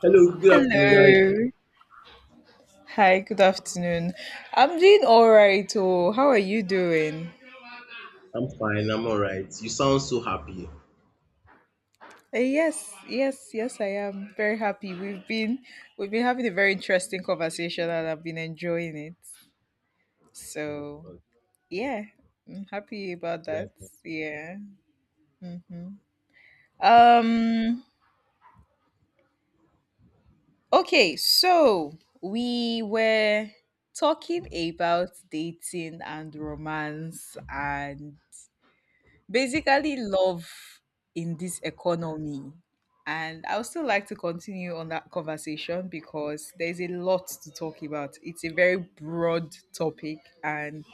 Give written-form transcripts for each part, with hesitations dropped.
Hello, good afternoon. How are you Hello. doing? Hi, good afternoon. I'm doing all right. Oh, how are you doing? I'm fine. I'm all right. You sound so happy. Yes, yes, yes, I am very happy. We've been having a very interesting conversation and I've been enjoying it. Mm, So, God, yeah, I'm happy about good that. afternoon. Yeah. hmm Um okay, so we were talking about dating and romance and basically love in this economy. And I would still like to continue on that conversation because there's a lot to talk about. It's a very broad topic. And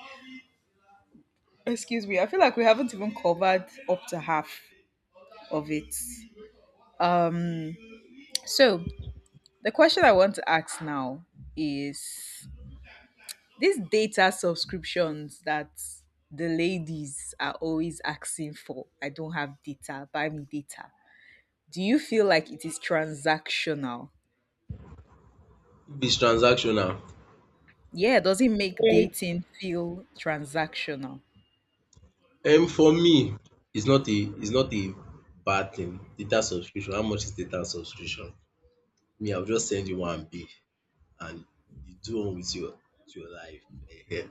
excuse me, I feel like we haven't even covered up to half of it. Um, So, the question I want to ask now is these data subscriptions that the ladies are always asking for. I don't have data, buy me data. Do you feel like it is transactional? If it's transactional, Yeah, does it make dating feel transactional? For me, it's not a it's not a bad thing. Data subscription. How much is data subscription? Me, I'll just send you one bill and you do one with your life. Ehen.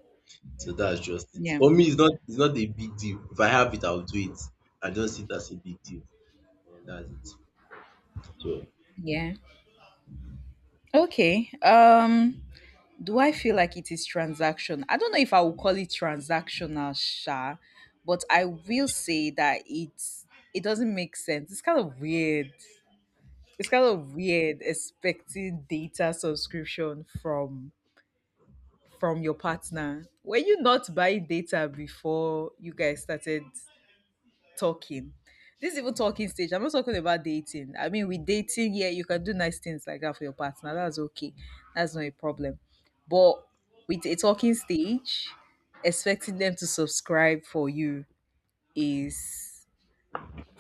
So that's just it. Yeah. For me, it's not a big deal. If I have it, I'll do it. I don't see it as a big deal. Ehen, that's it. So, Yeah. Okay. Do I feel like it is transaction? I don't know if I will call it transactional, sha, but I will say that it doesn't make sense. It's kind of weird. It's kind of weird expecting data subscription from your partner. Were you not buying data before you guys started talking. This is even talking stage. I'm not talking about dating. I mean, with dating, yeah, you can do nice things like that for your partner. That's okay. That's not a problem. But with a talking stage, expecting them to subscribe for you is,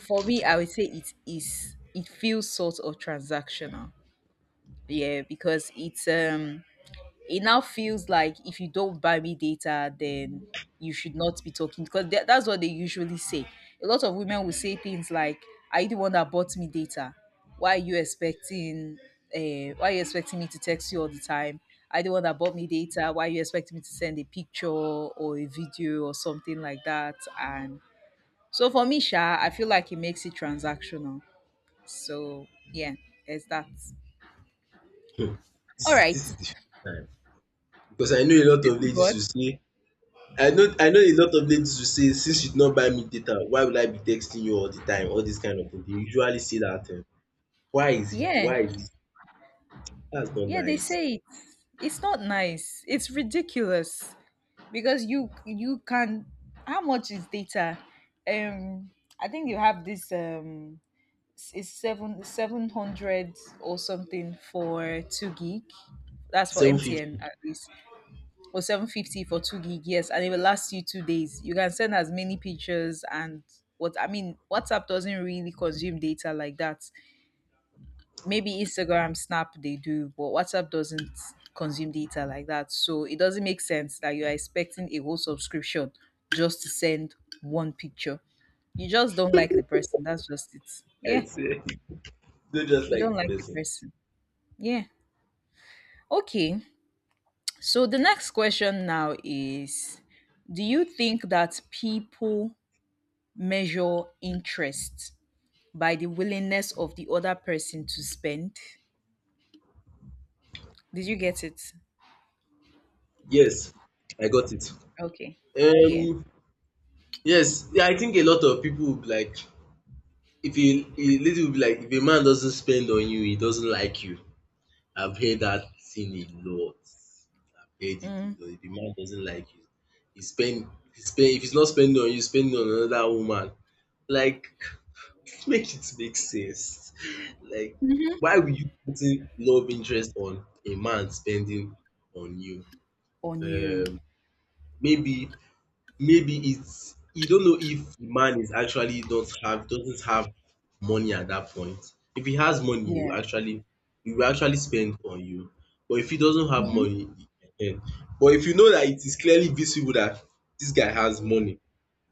for me, I would say it is. It feels sort of transactional. Yeah, because it now feels like if you don't buy me data, then you should not be talking because that's what they usually say. A lot of women will say things like, "Are you the one that bought me data? Why are you expecting? Why are you expecting me to text you all the time? Are you the one that bought me data? Why are you expecting me to send a picture or a video or something like that?" And so for me, Sha, I feel like it makes it transactional. So yeah, there's that. hmm, this All is right, this this is the time, because is what. I know a lot of ladies will say, since you did not buy me data, why will I be texting you all the time? All this kind of thing they usually say, that why is it? Yeah. That's not Yeah, they nice. say it. It's not nice. It's ridiculous because you can. How much is data? Um, I think you have this. It's seven hundred or something for two gig. That's for seven MTN fifty at least, or 750 for two gig. Yes, and it will last you 2 days. You can send as many pictures and what I mean. WhatsApp doesn't really consume data like that, maybe Instagram, Snap they do, but WhatsApp doesn't consume data like that. So it doesn't make sense that you are expecting a whole subscription just to send one picture. You just don't like the person. That's just it. Yeah, I say, no, just you like don't the like the person. person. Yeah. Okay. So the next question now is, do you think that people measure interest by the willingness of the other person to spend? Did you get it? Yes, I got it. Okay. Yeah. um yes, yeah, I think a lot of people will be like, if a lady will be like, if a man doesn't spend on you, he doesn't like you. I've heard that thing a lot. I've heard it a Mm. lot. If the man doesn't like you. He spend he spend If he's not spending on you, he's spending on another woman. Like, make it make sense. Like, Mhm. why will you putting love interest on a man spending on you? On you. Um maybe Maybe it's, you don't know if the man is actually don't have doesn't have money at that point. If he has money, Yeah. You will actually spend on you. But if he doesn't have Mhm. money, um but if you know that it is clearly visible that this guy has money,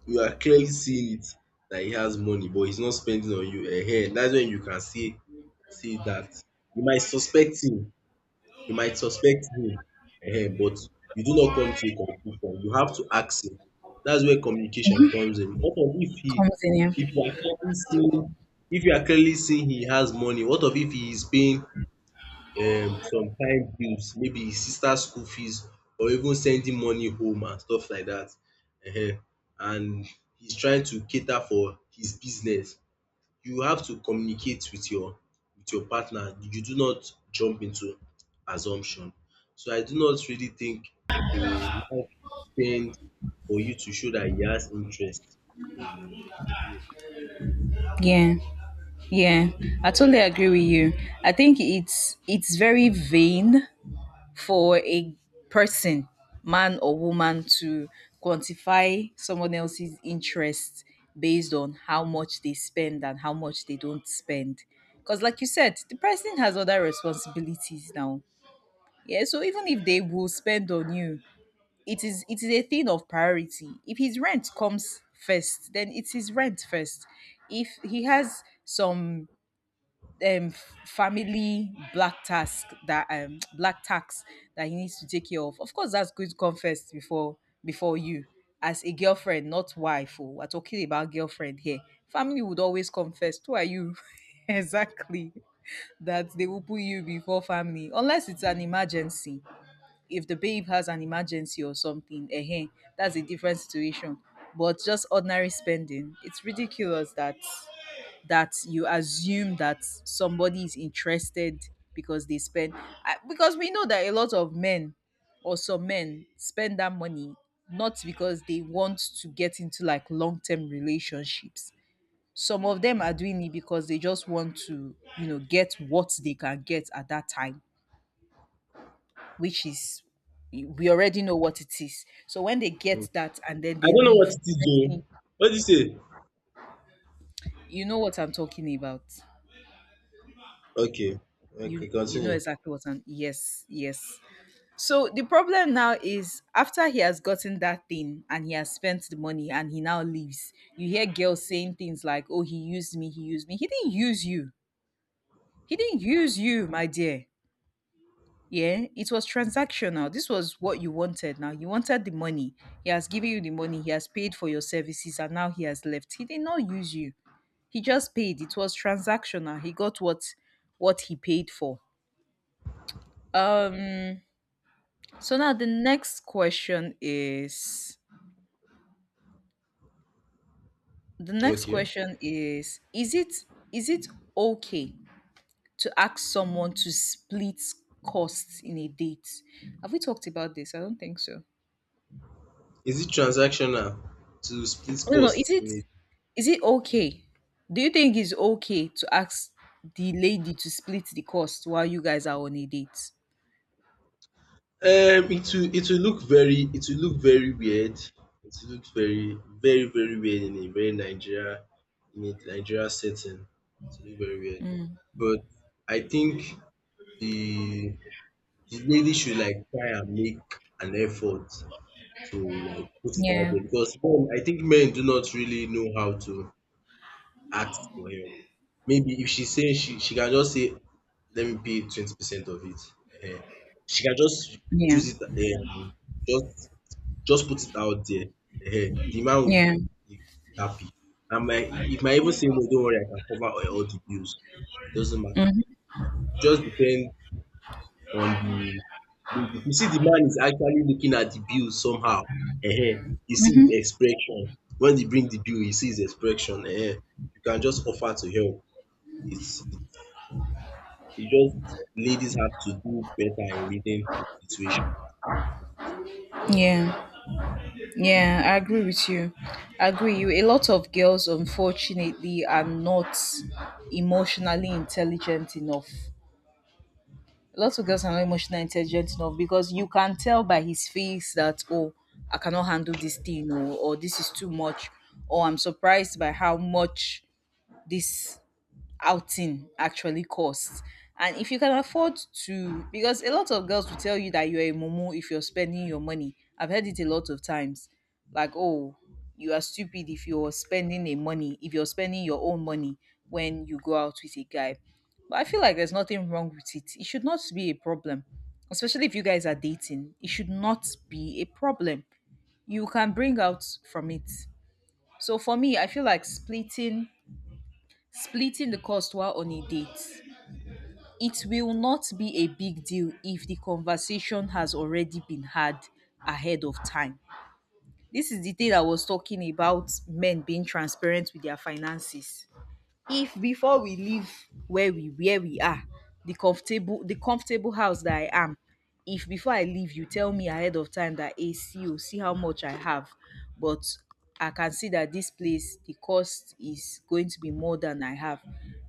you are clearly seeing it that he has money but he's not spending on you, that's when you can see, that. You might suspect him, you might suspect him but you do not come to a conclusion. You have to ask him. That's where communication comes in. What of if he Comes in here. If you are clearly seeing, if you are clearly seeing he has money, what of if he is paying some kind bills, maybe his sister school fees or even sending money home and stuff like that, um and he's trying to cater for his business, you have to communicate with your partner. You do not jump into assumption. So I do not really think a man spend for you to show that he has interest in you. Yeah. Yeah, I totally agree with you. I think it's very vain for a person, man or woman, to quantify someone else's interest based on how much they spend and how much they don't spend. Because like you said, the person has other responsibilities now. Yeah. So even if they will spend on you, it is a thing of priority. If his rent comes first, then it's his rent first. If he has some family black task that black tax that he needs to take care of course that's going to come first before you as a girlfriend, not wife. Oh, we're talking about girlfriend here. Family would always come first. Who are you? Exactly. That they will put you before family, unless it's an emergency, if the babe has an emergency or something, eh, that's a different situation. But just ordinary spending, it's ridiculous that you assume that somebody is interested because they spend because we know that a lot of men or some men spend that money not because they want to get into like long-term relationships, some of them are doing it because they just want to, you know, get what they can get at that time, which is, we already know what it is. So when they get Mm. that and then I they don't know what leave, it is next thing, though. What do you say? you know what I'm talking about. Okay. You Okay, you know continue. exactly what I'm, yes, yes. So the problem now is after he has gotten that thing and he has spent the money and he now leaves, you hear girls saying things like, "Oh, he used me, he used me." He didn't use you. He didn't use you, my dear. Yeah, it was transactional. This was what you wanted now. You wanted the money. He has given you the money. He has paid for your services and now he has left. He did not use you. He just paid. It was transactional. He got what he paid for. Um so now the next question is, Okay. Is it is it okay to ask someone to split costs in a date? Have we talked about this? I don't think so. Is it transactional to split No, no, is costs it in. Okay? Do you think it's okay to ask the lady to split the cost while you guys are on a date? It will look very, weird. It will look very very very weird in a very Nigeria in a Nigeria setting. It will look very weird. But I think the the lady should like try and make an effort to like put it out Yeah. there, because men, I think men do not really know how to ask for help. Maybe if she's saying, she can just say, let me pay 20% of it. Ehen. She can just Yeah. use it, um, just just put it out there. Ehen. The man will Yeah. be happy. And my, if my even say, "No, don't worry, I can cover all the bills." It doesn't matter. Mhm. Just depend on the, the you see, the man is actually looking at the bills somehow. Ehen. You see his expression. When they bring the bill, you see his expression. Ehen. You can just offer to help. It's it it's just ladies have to do better in reading situation. Yeah, yeah, I agree with you. I agree. You, a lot of girls, unfortunately, are not emotionally intelligent enough. A lot of girls are not emotionally intelligent enough because you can tell by his face that, oh, I cannot handle this thing, or this is too much, or I'm surprised by how much this outing actually costs. And if you can afford to, because a lot of girls will tell you that you're a momo if you're spending your money. I've heard it a lot of times. Like, oh, you are stupid if you're spending a money, if you're spending your own money when you go out with a guy. But I feel like there's nothing wrong with it. It should not be a problem, especially if you guys are dating. It should not be a problem. You can bring out from it. So for me, I feel like splitting the cost while on a date, it will not be a big deal if the conversation has already been had ahead of time. This is the thing I was talking about, men being transparent with their finances. If before we leave, where we are the comfortable house that I am, if before I leave you tell me ahead of time that, hey, see, oh, see how much I have, but I can see that this place the cost is going to be more than I have,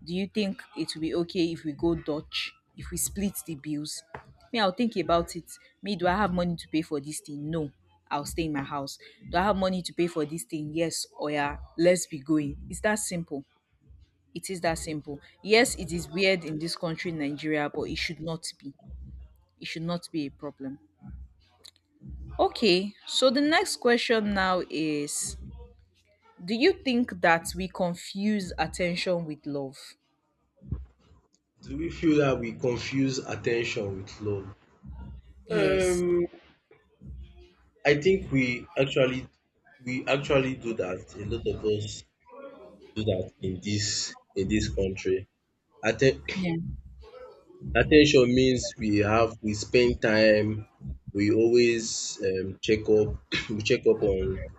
do you think it will be okay if we go dutch, if we split the bills? Me, I'll think about it. Me, do I have money to pay for this thing? No, I'll stay in my house. Do I have money to pay for this thing? Yes, or yeah, let's be going. It's that simple. It is that simple. Yes, it is weird in this country, Nigeria, but it should not be. It should not be a problem. Okay, so the next question now is, do you think that we confuse attention with love? Do we feel that we confuse attention with love? Yes. Um I think we actually do that. A lot of us do that in this country. Atten Yeah. attention means we have, we spend time, we always check up, we check up on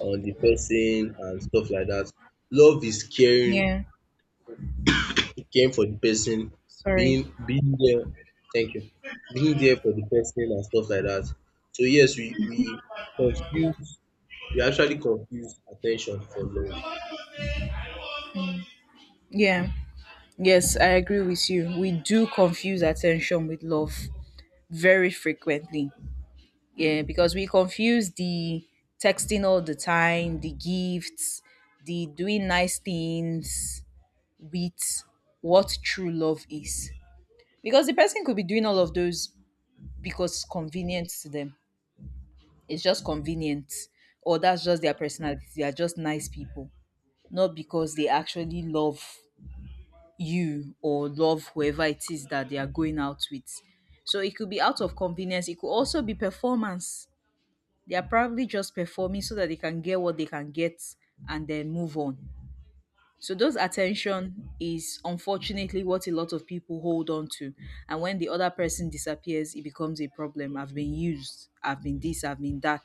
on the person and stuff like that. Love is caring, Yeah. caring for the person, Sorry. being there, thank you, being there for the person and stuff like that. So yes, confuse We actually confuse attention for love. Yeah. Yes, I agree with you. We do confuse attention with love very frequently. Yeah, because we confuse the texting all the time, the gifts, the doing nice things with what true love is, because the person could be doing all of those because convenience to them, it's just convenient, or that's just their personality, they are just nice people, not because they actually love you or love whoever it is that they are going out with. So it could be out of convenience, it could also be performance. They are probably just performing so that they can get what they can get and then move on. So those attention is unfortunately what a lot of people hold on to. And when the other person disappears, it becomes a problem. I've been used, I've been this, I've been that.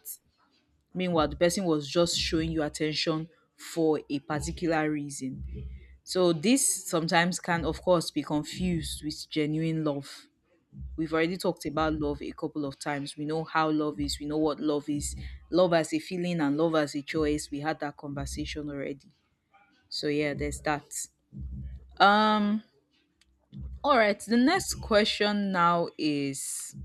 Meanwhile, the person was just showing you attention for a particular reason. So this sometimes can of course be confused with genuine love. We've already talked about love a couple of times. We know how love is, we know what love is. Love as a feeling and love as a choice. We had that conversation already. So yeah, there's that. Um all right, the next question now is,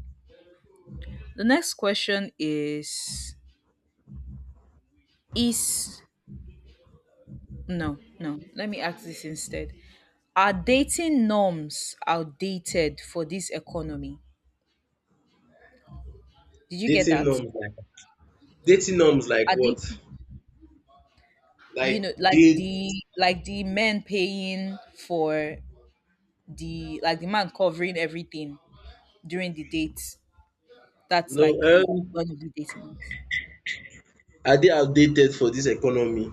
the next question is no, no. Let me ask this instead. Are dating norms outdated for this economy? Did you get Dating that? norms like, dating norms like Are they, what? you Like know, date, like the men paying for the like the man covering everything during the date. That's no like one of the dating ones. are they outdated for this economy?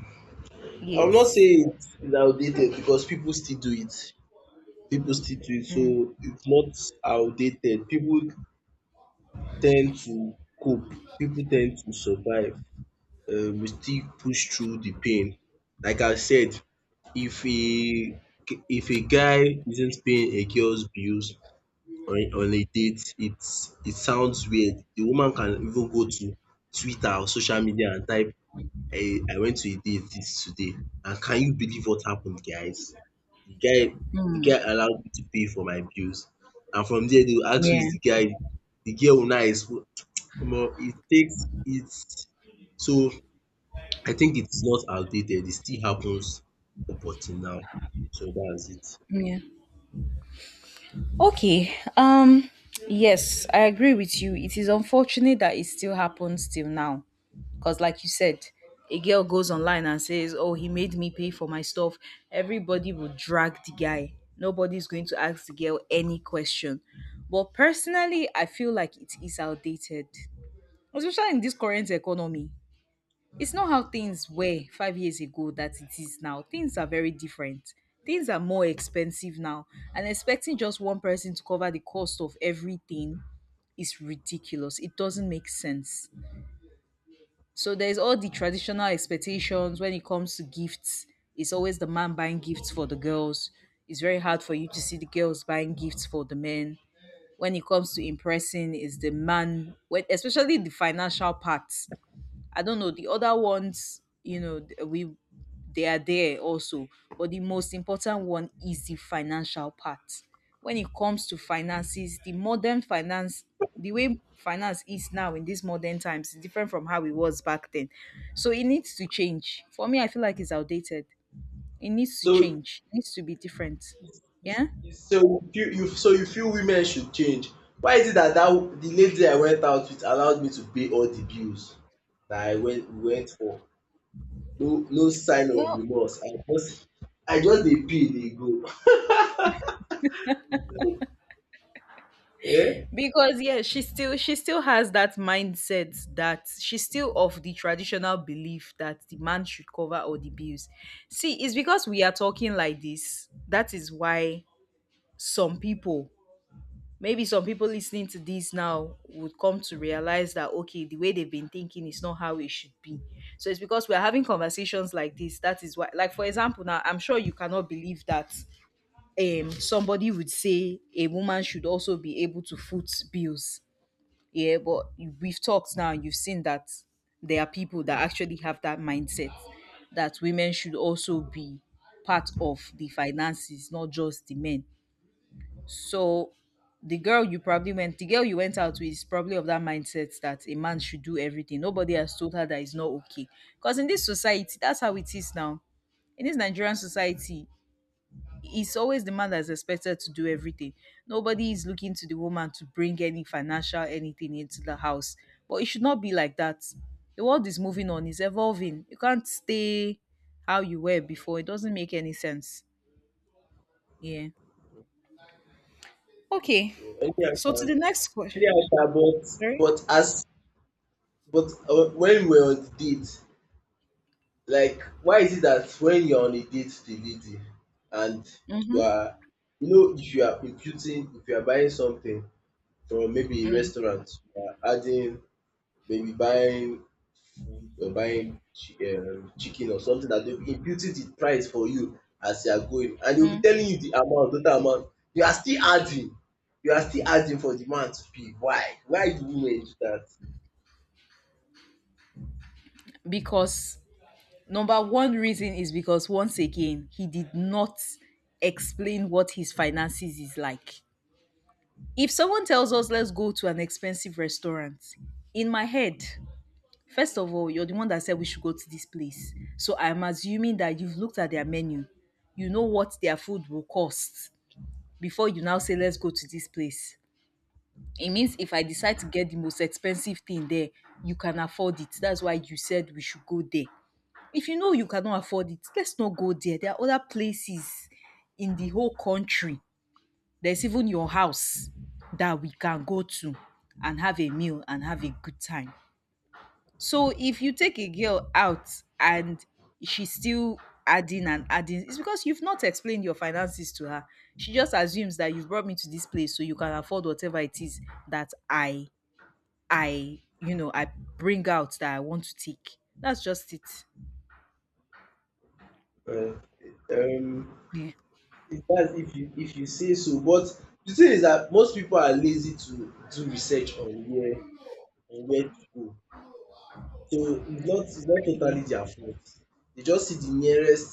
I will not say Yes. it is outdated because people still do it. People still do it. So it's not outdated. People tend to cope. People tend to survive. We still push through the pain. Like I said, if a if a guy isn't paying a girl's bills on a date, it sounds weird. The woman can even go to Twitter or social media and type, I went to a date this today," and can you believe what happened, guys? The guy the guy Mm. allowed me to pay for my bills, and from there they will ask who Yeah. is the guy. The girl will now expo, Omo, it takes, it's so, I think it's not outdated, it still happens up until now. So that's it. Yeah. Okay. Yes, I agree with you. It is unfortunate that it still happens till now. Because like you said, a girl goes online and says, "Oh, he made me pay for my stuff." Everybody will drag the guy. Nobody's going to ask the girl any question. But personally, I feel like it is outdated, especially in this current economy. It's not how things were 5 years ago that it is now. Things are very different. Things are more expensive now, and expecting just one person to cover the cost of everything is ridiculous. It doesn't make sense. So there's all the traditional expectations when it comes to gifts. It's always the man buying gifts for the girls. It's very hard for you to see the girls buying gifts for the men. When it comes to impressing, is the man, especially the financial part. I don't know the other ones. You know we they are there also, but the most important one is the financial part. When it comes to finances, the modern finance, the way finance is now in these modern times is different from how it was back then. So it needs to change. For me, I feel like it's outdated. It needs to So change. It needs to be different. Yeah. So you feel women should change. Why is it that the lady I went out with allowed me to pay all the bills that I went for? No, no sign of remorse. I just dey pay dey go. Eh? Because yeah, she still has that mindset that she's still of the traditional belief that the man should cover all the bills. See, it's because we are talking like this that is why some people, maybe some people listening to this now, would come to realize that okay, the way they've been thinking is not how it should be. So it's because we're having conversations like this that is why, like for example, now I'm sure you cannot believe that somebody would say a woman should also be able to foot bills. Yeah, but we've talked now, and you've seen that there are people that actually have that mindset that women should also be part of the finances, not just the men. So the girl you went out with is probably of that mindset that a man should do everything. Nobody has told her that it's not okay. Because in this society, that's how it is now. In this Nigerian society, it's always the man that's expected to do everything. Nobody is looking to the woman to bring any financial anything into the house. But it should not be like that. The world is moving on, it's evolving. You can't stay how you were before. It doesn't make any sense. Yeah. Okay. So, anyhow So sha, to the next question. anyhow sha but Sorry. but as but when we were on the date, like why is it that when you are on a date with a lady, and you Mhm. are you know if you are buying something from maybe a restaurant, you are adding, maybe buying food or buying chicken or something, that they'll be imputing the price for you as you are going, and they'll be telling you the amount, total amount. You are still adding. You are still adding for the man to pay. Why? Why do women do that? Because number one reason is because once again he did not explain what his finances is like. If someone tells us let's go to an expensive restaurant, in my head, first of all, you're the one that said we should go to this place. So I'm assuming that you've looked at their menu. You know what their food will cost before you now say let's go to this place. It means if I decide to get the most expensive thing there, you can afford it. That's why you said we should go there. If you know you cannot afford it, let's not go there. There are other places in the whole country, there's even your house, that we can go to and have a meal and have a good time. So if you take a girl out and she's still adding and adding, it's because you've not explained your finances to her. She just assumes that you've brought me to this place so you can afford whatever it is that I you know I bring out that I want to take. That's just it. Uh, um, Yeah. if that's, if you say so, but the thing is that most people are lazy to do research on where, to go. So it's not totally Really? their fault. They just see the nearest,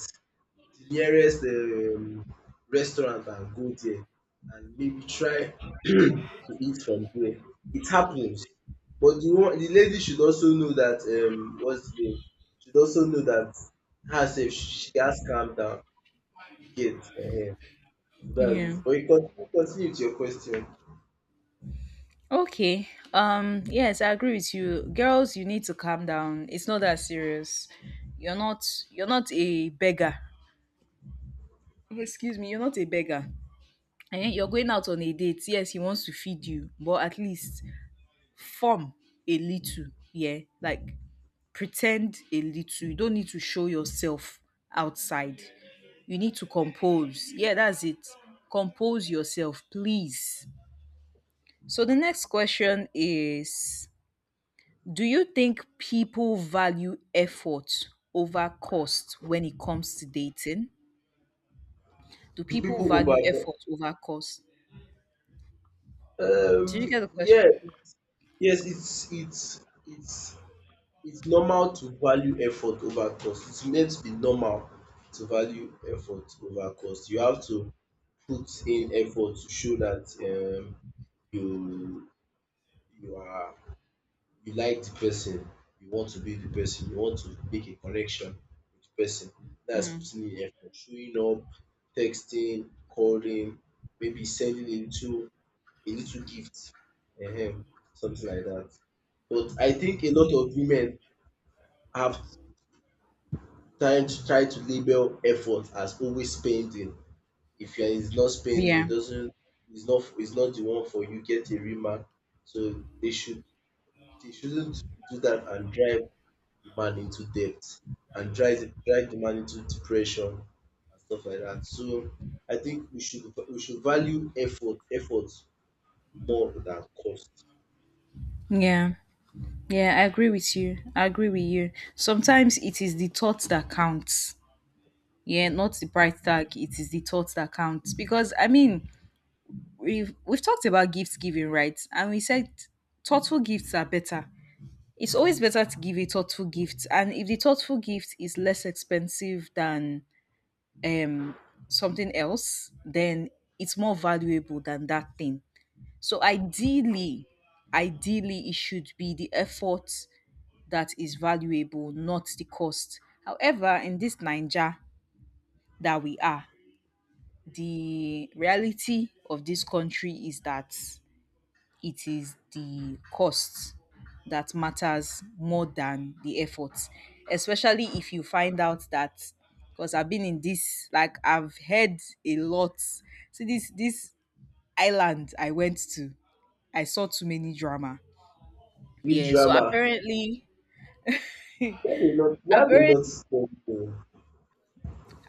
the nearest um restaurant and go there and maybe try to eat from there. It happens. But the lady should also know that, what's the name? Should also know that herself, she has calm down. You get, so that's it. Yeah. But you continue with your question. Okay. Yes, I agree with you. Girls, you need to calm down. It's not that serious. You're not you're not a beggar. Excuse me, you're not a beggar. Eh, you're going out on a date. Yes, he wants to feed you, but at least form a little, yeah? Like pretend a little. You don't need to show yourself outside. You need to compose. Yeah, that's it. Compose yourself, please. So the next question is, do you think people value effort over cost when it comes to dating? Do The people people value over effort over cost? Did you get the yeah, question? yes, it's normal to value effort over cost. It's meant to be normal to value effort over cost. You have to put in effort to show that, you you are you like the person, you want to be the person, you want to make a connection with the person. That's Mm. putting in effort, showing up, texting, calling, maybe sending a little gift, um something like that. But I think a lot of women have trying to try to label effort as always spending. If you are is not spending, it Yeah. doesn't, it's not the one for you, get a real man. So they shouldn't do that and drive the man into debt and drive the man into depression and stuff like that. So I think we should value effort more than cost. Yeah. Yeah, I agree with you. I agree with you. Sometimes it is the thought that counts. Yeah, not the price tag. It is the thought that counts. Because I mean, we've talked about gift giving, right? And we said thoughtful gifts are better. It's always better to give a thoughtful gift, and if the thoughtful gift is less expensive than um something else, then it's more valuable than that thing. So ideally it should be the effort that is valuable, not the cost. However, in this Niger that we are, the reality of this country is that it is the cost that matters more than the effort, especially if you find out that, because I've been in this, like I've heard a lot. See, this island I went to, I saw too many drama. Which Yeah, so drama? apparently You have a lot apparently to say.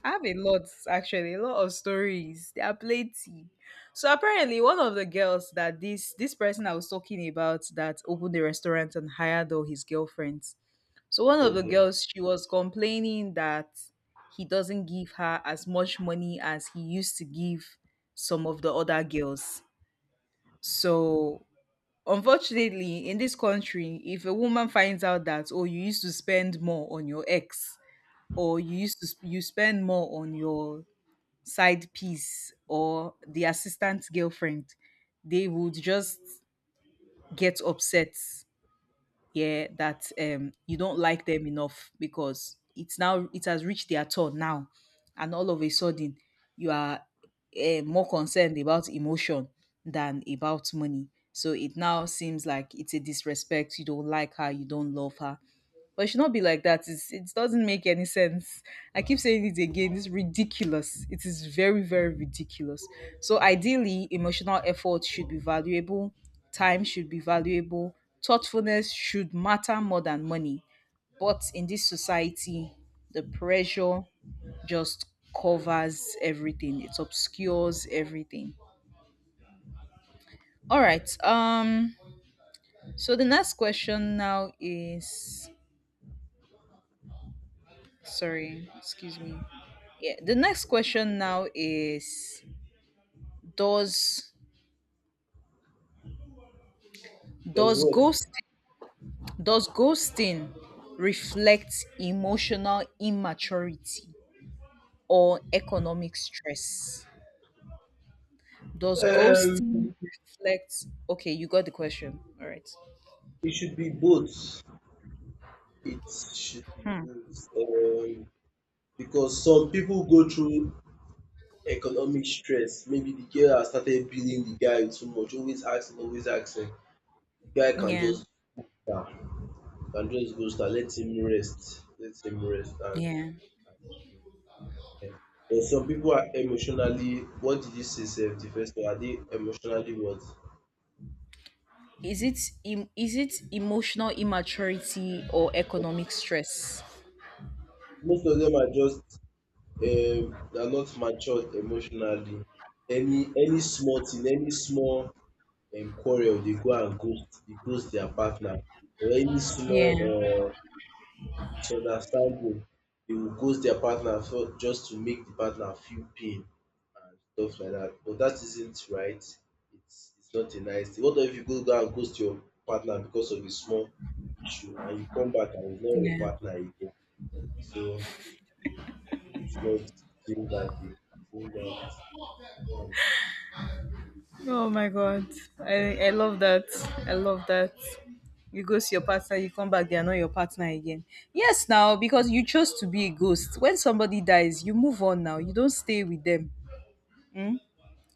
I have a lot, actually a lot of stories. There are plenty. So apparently one of the girls that this person I was talking about that opened the restaurant and hired all his girlfriends. So one of the Okay. girls, she was complaining that he doesn't give her as much money as he used to give some of the other girls. So unfortunately, in this country, if a woman finds out that oh, you used to spend more on your ex, or you used to you spend more on your side piece or the assistant girlfriend, they would just get upset, yeah, that you don't like them enough because it's now, it has reached their turn now, and all of a sudden you are more concerned about emotion than about money. So it now seems like it's a disrespect, you don't like her, you don't love her. But it should not be like that. It doesn't make any sense. I keep saying it again. It's ridiculous. It is very, very ridiculous. So, ideally, emotional effort should be valuable, time should be valuable, thoughtfulness should matter more than money. But in this society, the pressure just covers everything, it obscures everything. All right. So the next question now is, sorry, excuse me. Yeah, the next question now is, does Does does what? ghost does ghosting reflect emotional immaturity or economic stress? Does ghosting Um, reflect? Okay, you got the question. All right. it should be both. it should be Hmm. both um because some pipu go through economic stress. Maybe de girl has started billing de guy too much, always ask him, de guy can Yeah. just, ah, ghost am, let him rest, and Yeah. but some pipu are emotionally, what did you say sef? De first one are dey emotionally what? Is it is it emotional immaturity or economic stress? Most of dem are just, they are not matured emotionally. Any small thing, any small quarrel, dey ghost their partner, or any small Yeah. Misunderstanding, they will ghost their partner for just to make the partner feel pain and stuff like that, but that isn't right. It's not a nice thing. What if you go and ghost your partner because of a small issue, and you come back and you no your Yeah. partner again? So people should not doing that thing, doing that um Oh my god. I love that. I love that. You go see your partner, you come back, they are not your partner again. Yes, now because you chose to be a ghost. When somebody dies, you move on now. You don't stay with them. Mm?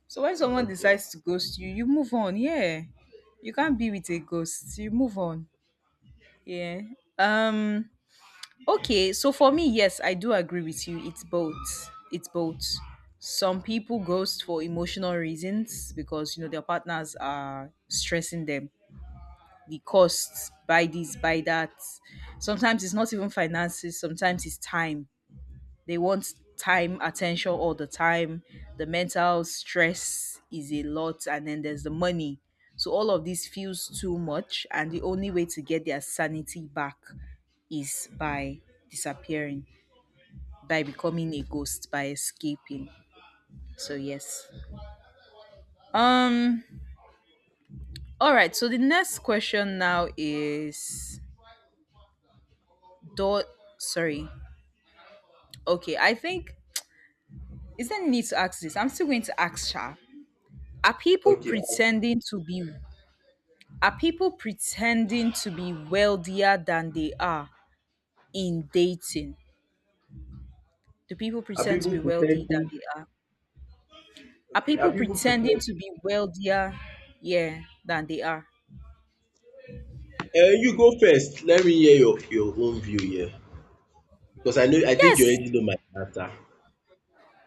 So when someone okay. decides to ghost you, you move on. Yeah. You can't be with a ghost. You move on. Yeah. Um, okay, so for me, yes, I do agree with you. It's both. It's both. Some people ghost for emotional reasons because you know their partners are stressing them. The costs, buy this, buy that. Sometimes it's not even finances, sometimes it's time. They want time, attention all the time. The mental stress is a lot, and then there's the money. So all of this feels too much, and the only way to get their sanity back is by disappearing, by becoming a ghost, by escaping. So yes, um, all right, so the next question now is, do, sorry, okay, I think, is there need to ask this? I'm still going to ask sha. Are people Okay are pretending to be, are people pretending to be wealthier than they are in dating? Do people pretend to be people wealthy than pretending? they are? Are Okay, people are people pretending pretending? to be wealthier, yeah, than they are? You go first, let me hear your own view here, because I think you Yes. already know my answer.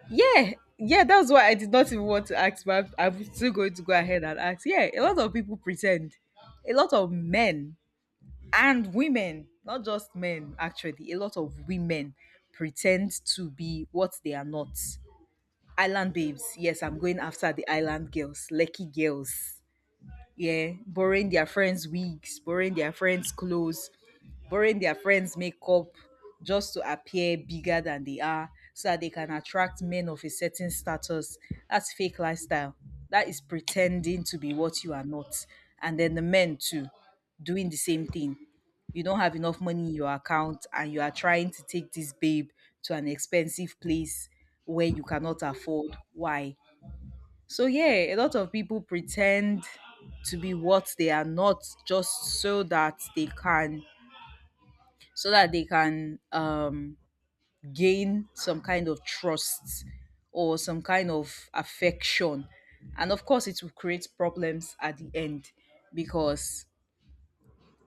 Yeah, yeah, that's why I did not even want to ask, but I'm still going to go ahead and ask. Yeah, a lot of people pretend. A lot of men and women, not just men, actually, a lot of women pretend to be what they are not. Island babes. Yes, I'm going after the island girls, lucky girls, yeah, borrowing their friends' wigs, borrowing their friends' clothes, borrowing their friends' makeup just to appear bigger than they are so that they can attract men of a certain status. That's fake lifestyle. That is pretending to be what you are not. And then the men too doing the same thing. You don't have enough money in your account and you are trying to take this babe to an expensive place where you cannot afford. Why? So yeah, a lot of people pretend to be what they are not just so that they can, so that they can gain some kind of trust or some kind of affection. And of course it will create problems at the end because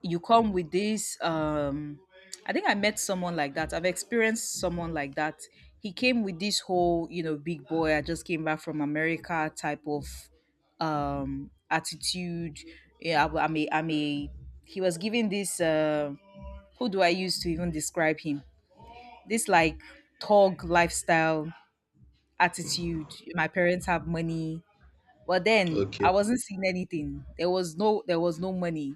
you come with this, I think I met someone like that, I've experienced someone like that. He came with this whole, you know, big boy, I just came back from America type of attitude. Yeah, I'm a he was giving this who do I use to even describe him, this like thug lifestyle attitude, my parents have money, but then Okay. I wasn't seeing anything. There was no, there was no money.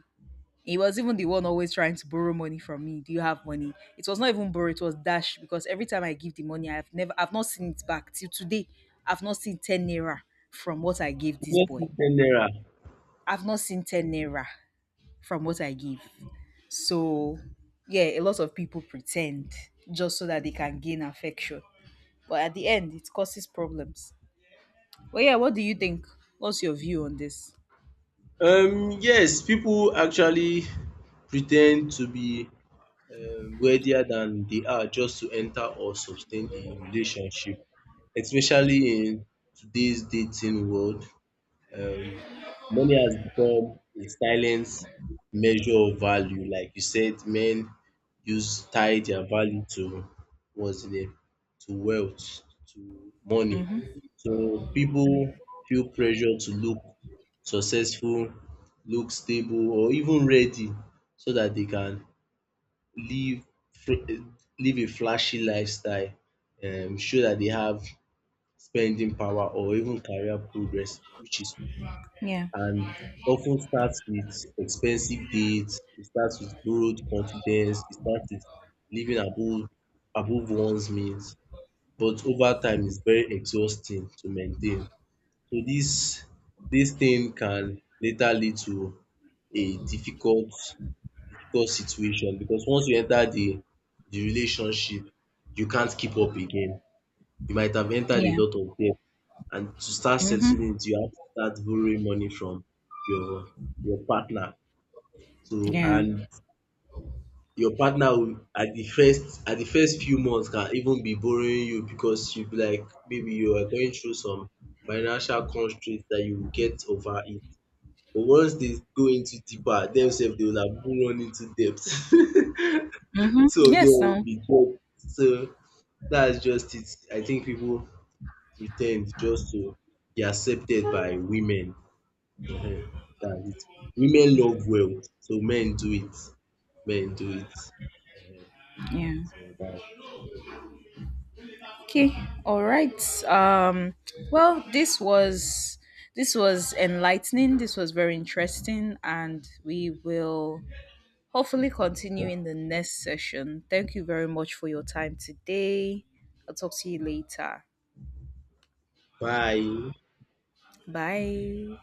He was even the one always trying to borrow money from me. Do you have money? It was not even borrow, it was dash, because every time I give the money, I've not seen it back. Till today, I've not seen 10 naira from what I gave this Yes, boy. ten naira. I've not seen 10 naira from what I give. So yeah, a lot of people pretend just so that they can gain affection. But at the end it causes problems. But yeah, what do you think? What's your view on this? Yes, people actually pretend to be, wealthier than they are, just to enter or sustain a relationship, especially in today's dating world. Um, money has become a silent measure of value. Like you said, men use tie their value to, what's the name, to wealth, to money. So people feel pressure to look successful, look stable, or even ready, so that they can live, fr- live a flashy lifestyle, show that they have spending power or even career progress, which is, Yeah. and often starts with expensive dates, it starts with borrowed confidence, it starts with living above one's means, but over time is very exhausting to maintain. So dis thing can later lead to a difficult situation, because once you enter de relationship, you can't keep up again. You might have entered a Yeah. lot of debt, and to start Mm-hmm. settling it you have to start borrowing money from your your partner. So Yeah. and your partner will, at the first few months, can even be borrowing you, because you be like maybe you are going through some financial constraints that you will get over it, but once they go into deeper themselves, they will have even run into debt. Mm-hmm. So they Yes, will no. be debt. So that's just it. I think people pretend just to be accepted by women. Ehen, that's it. Women love well, so men do it. Men do it. Ehen, Yeah. so that. Okay, all right. Well, this was, this was enlightening. This was very interesting, and we will hopefully continue in the next session. Thank you very much for your time today. I'll talk to you later. Bye. Bye.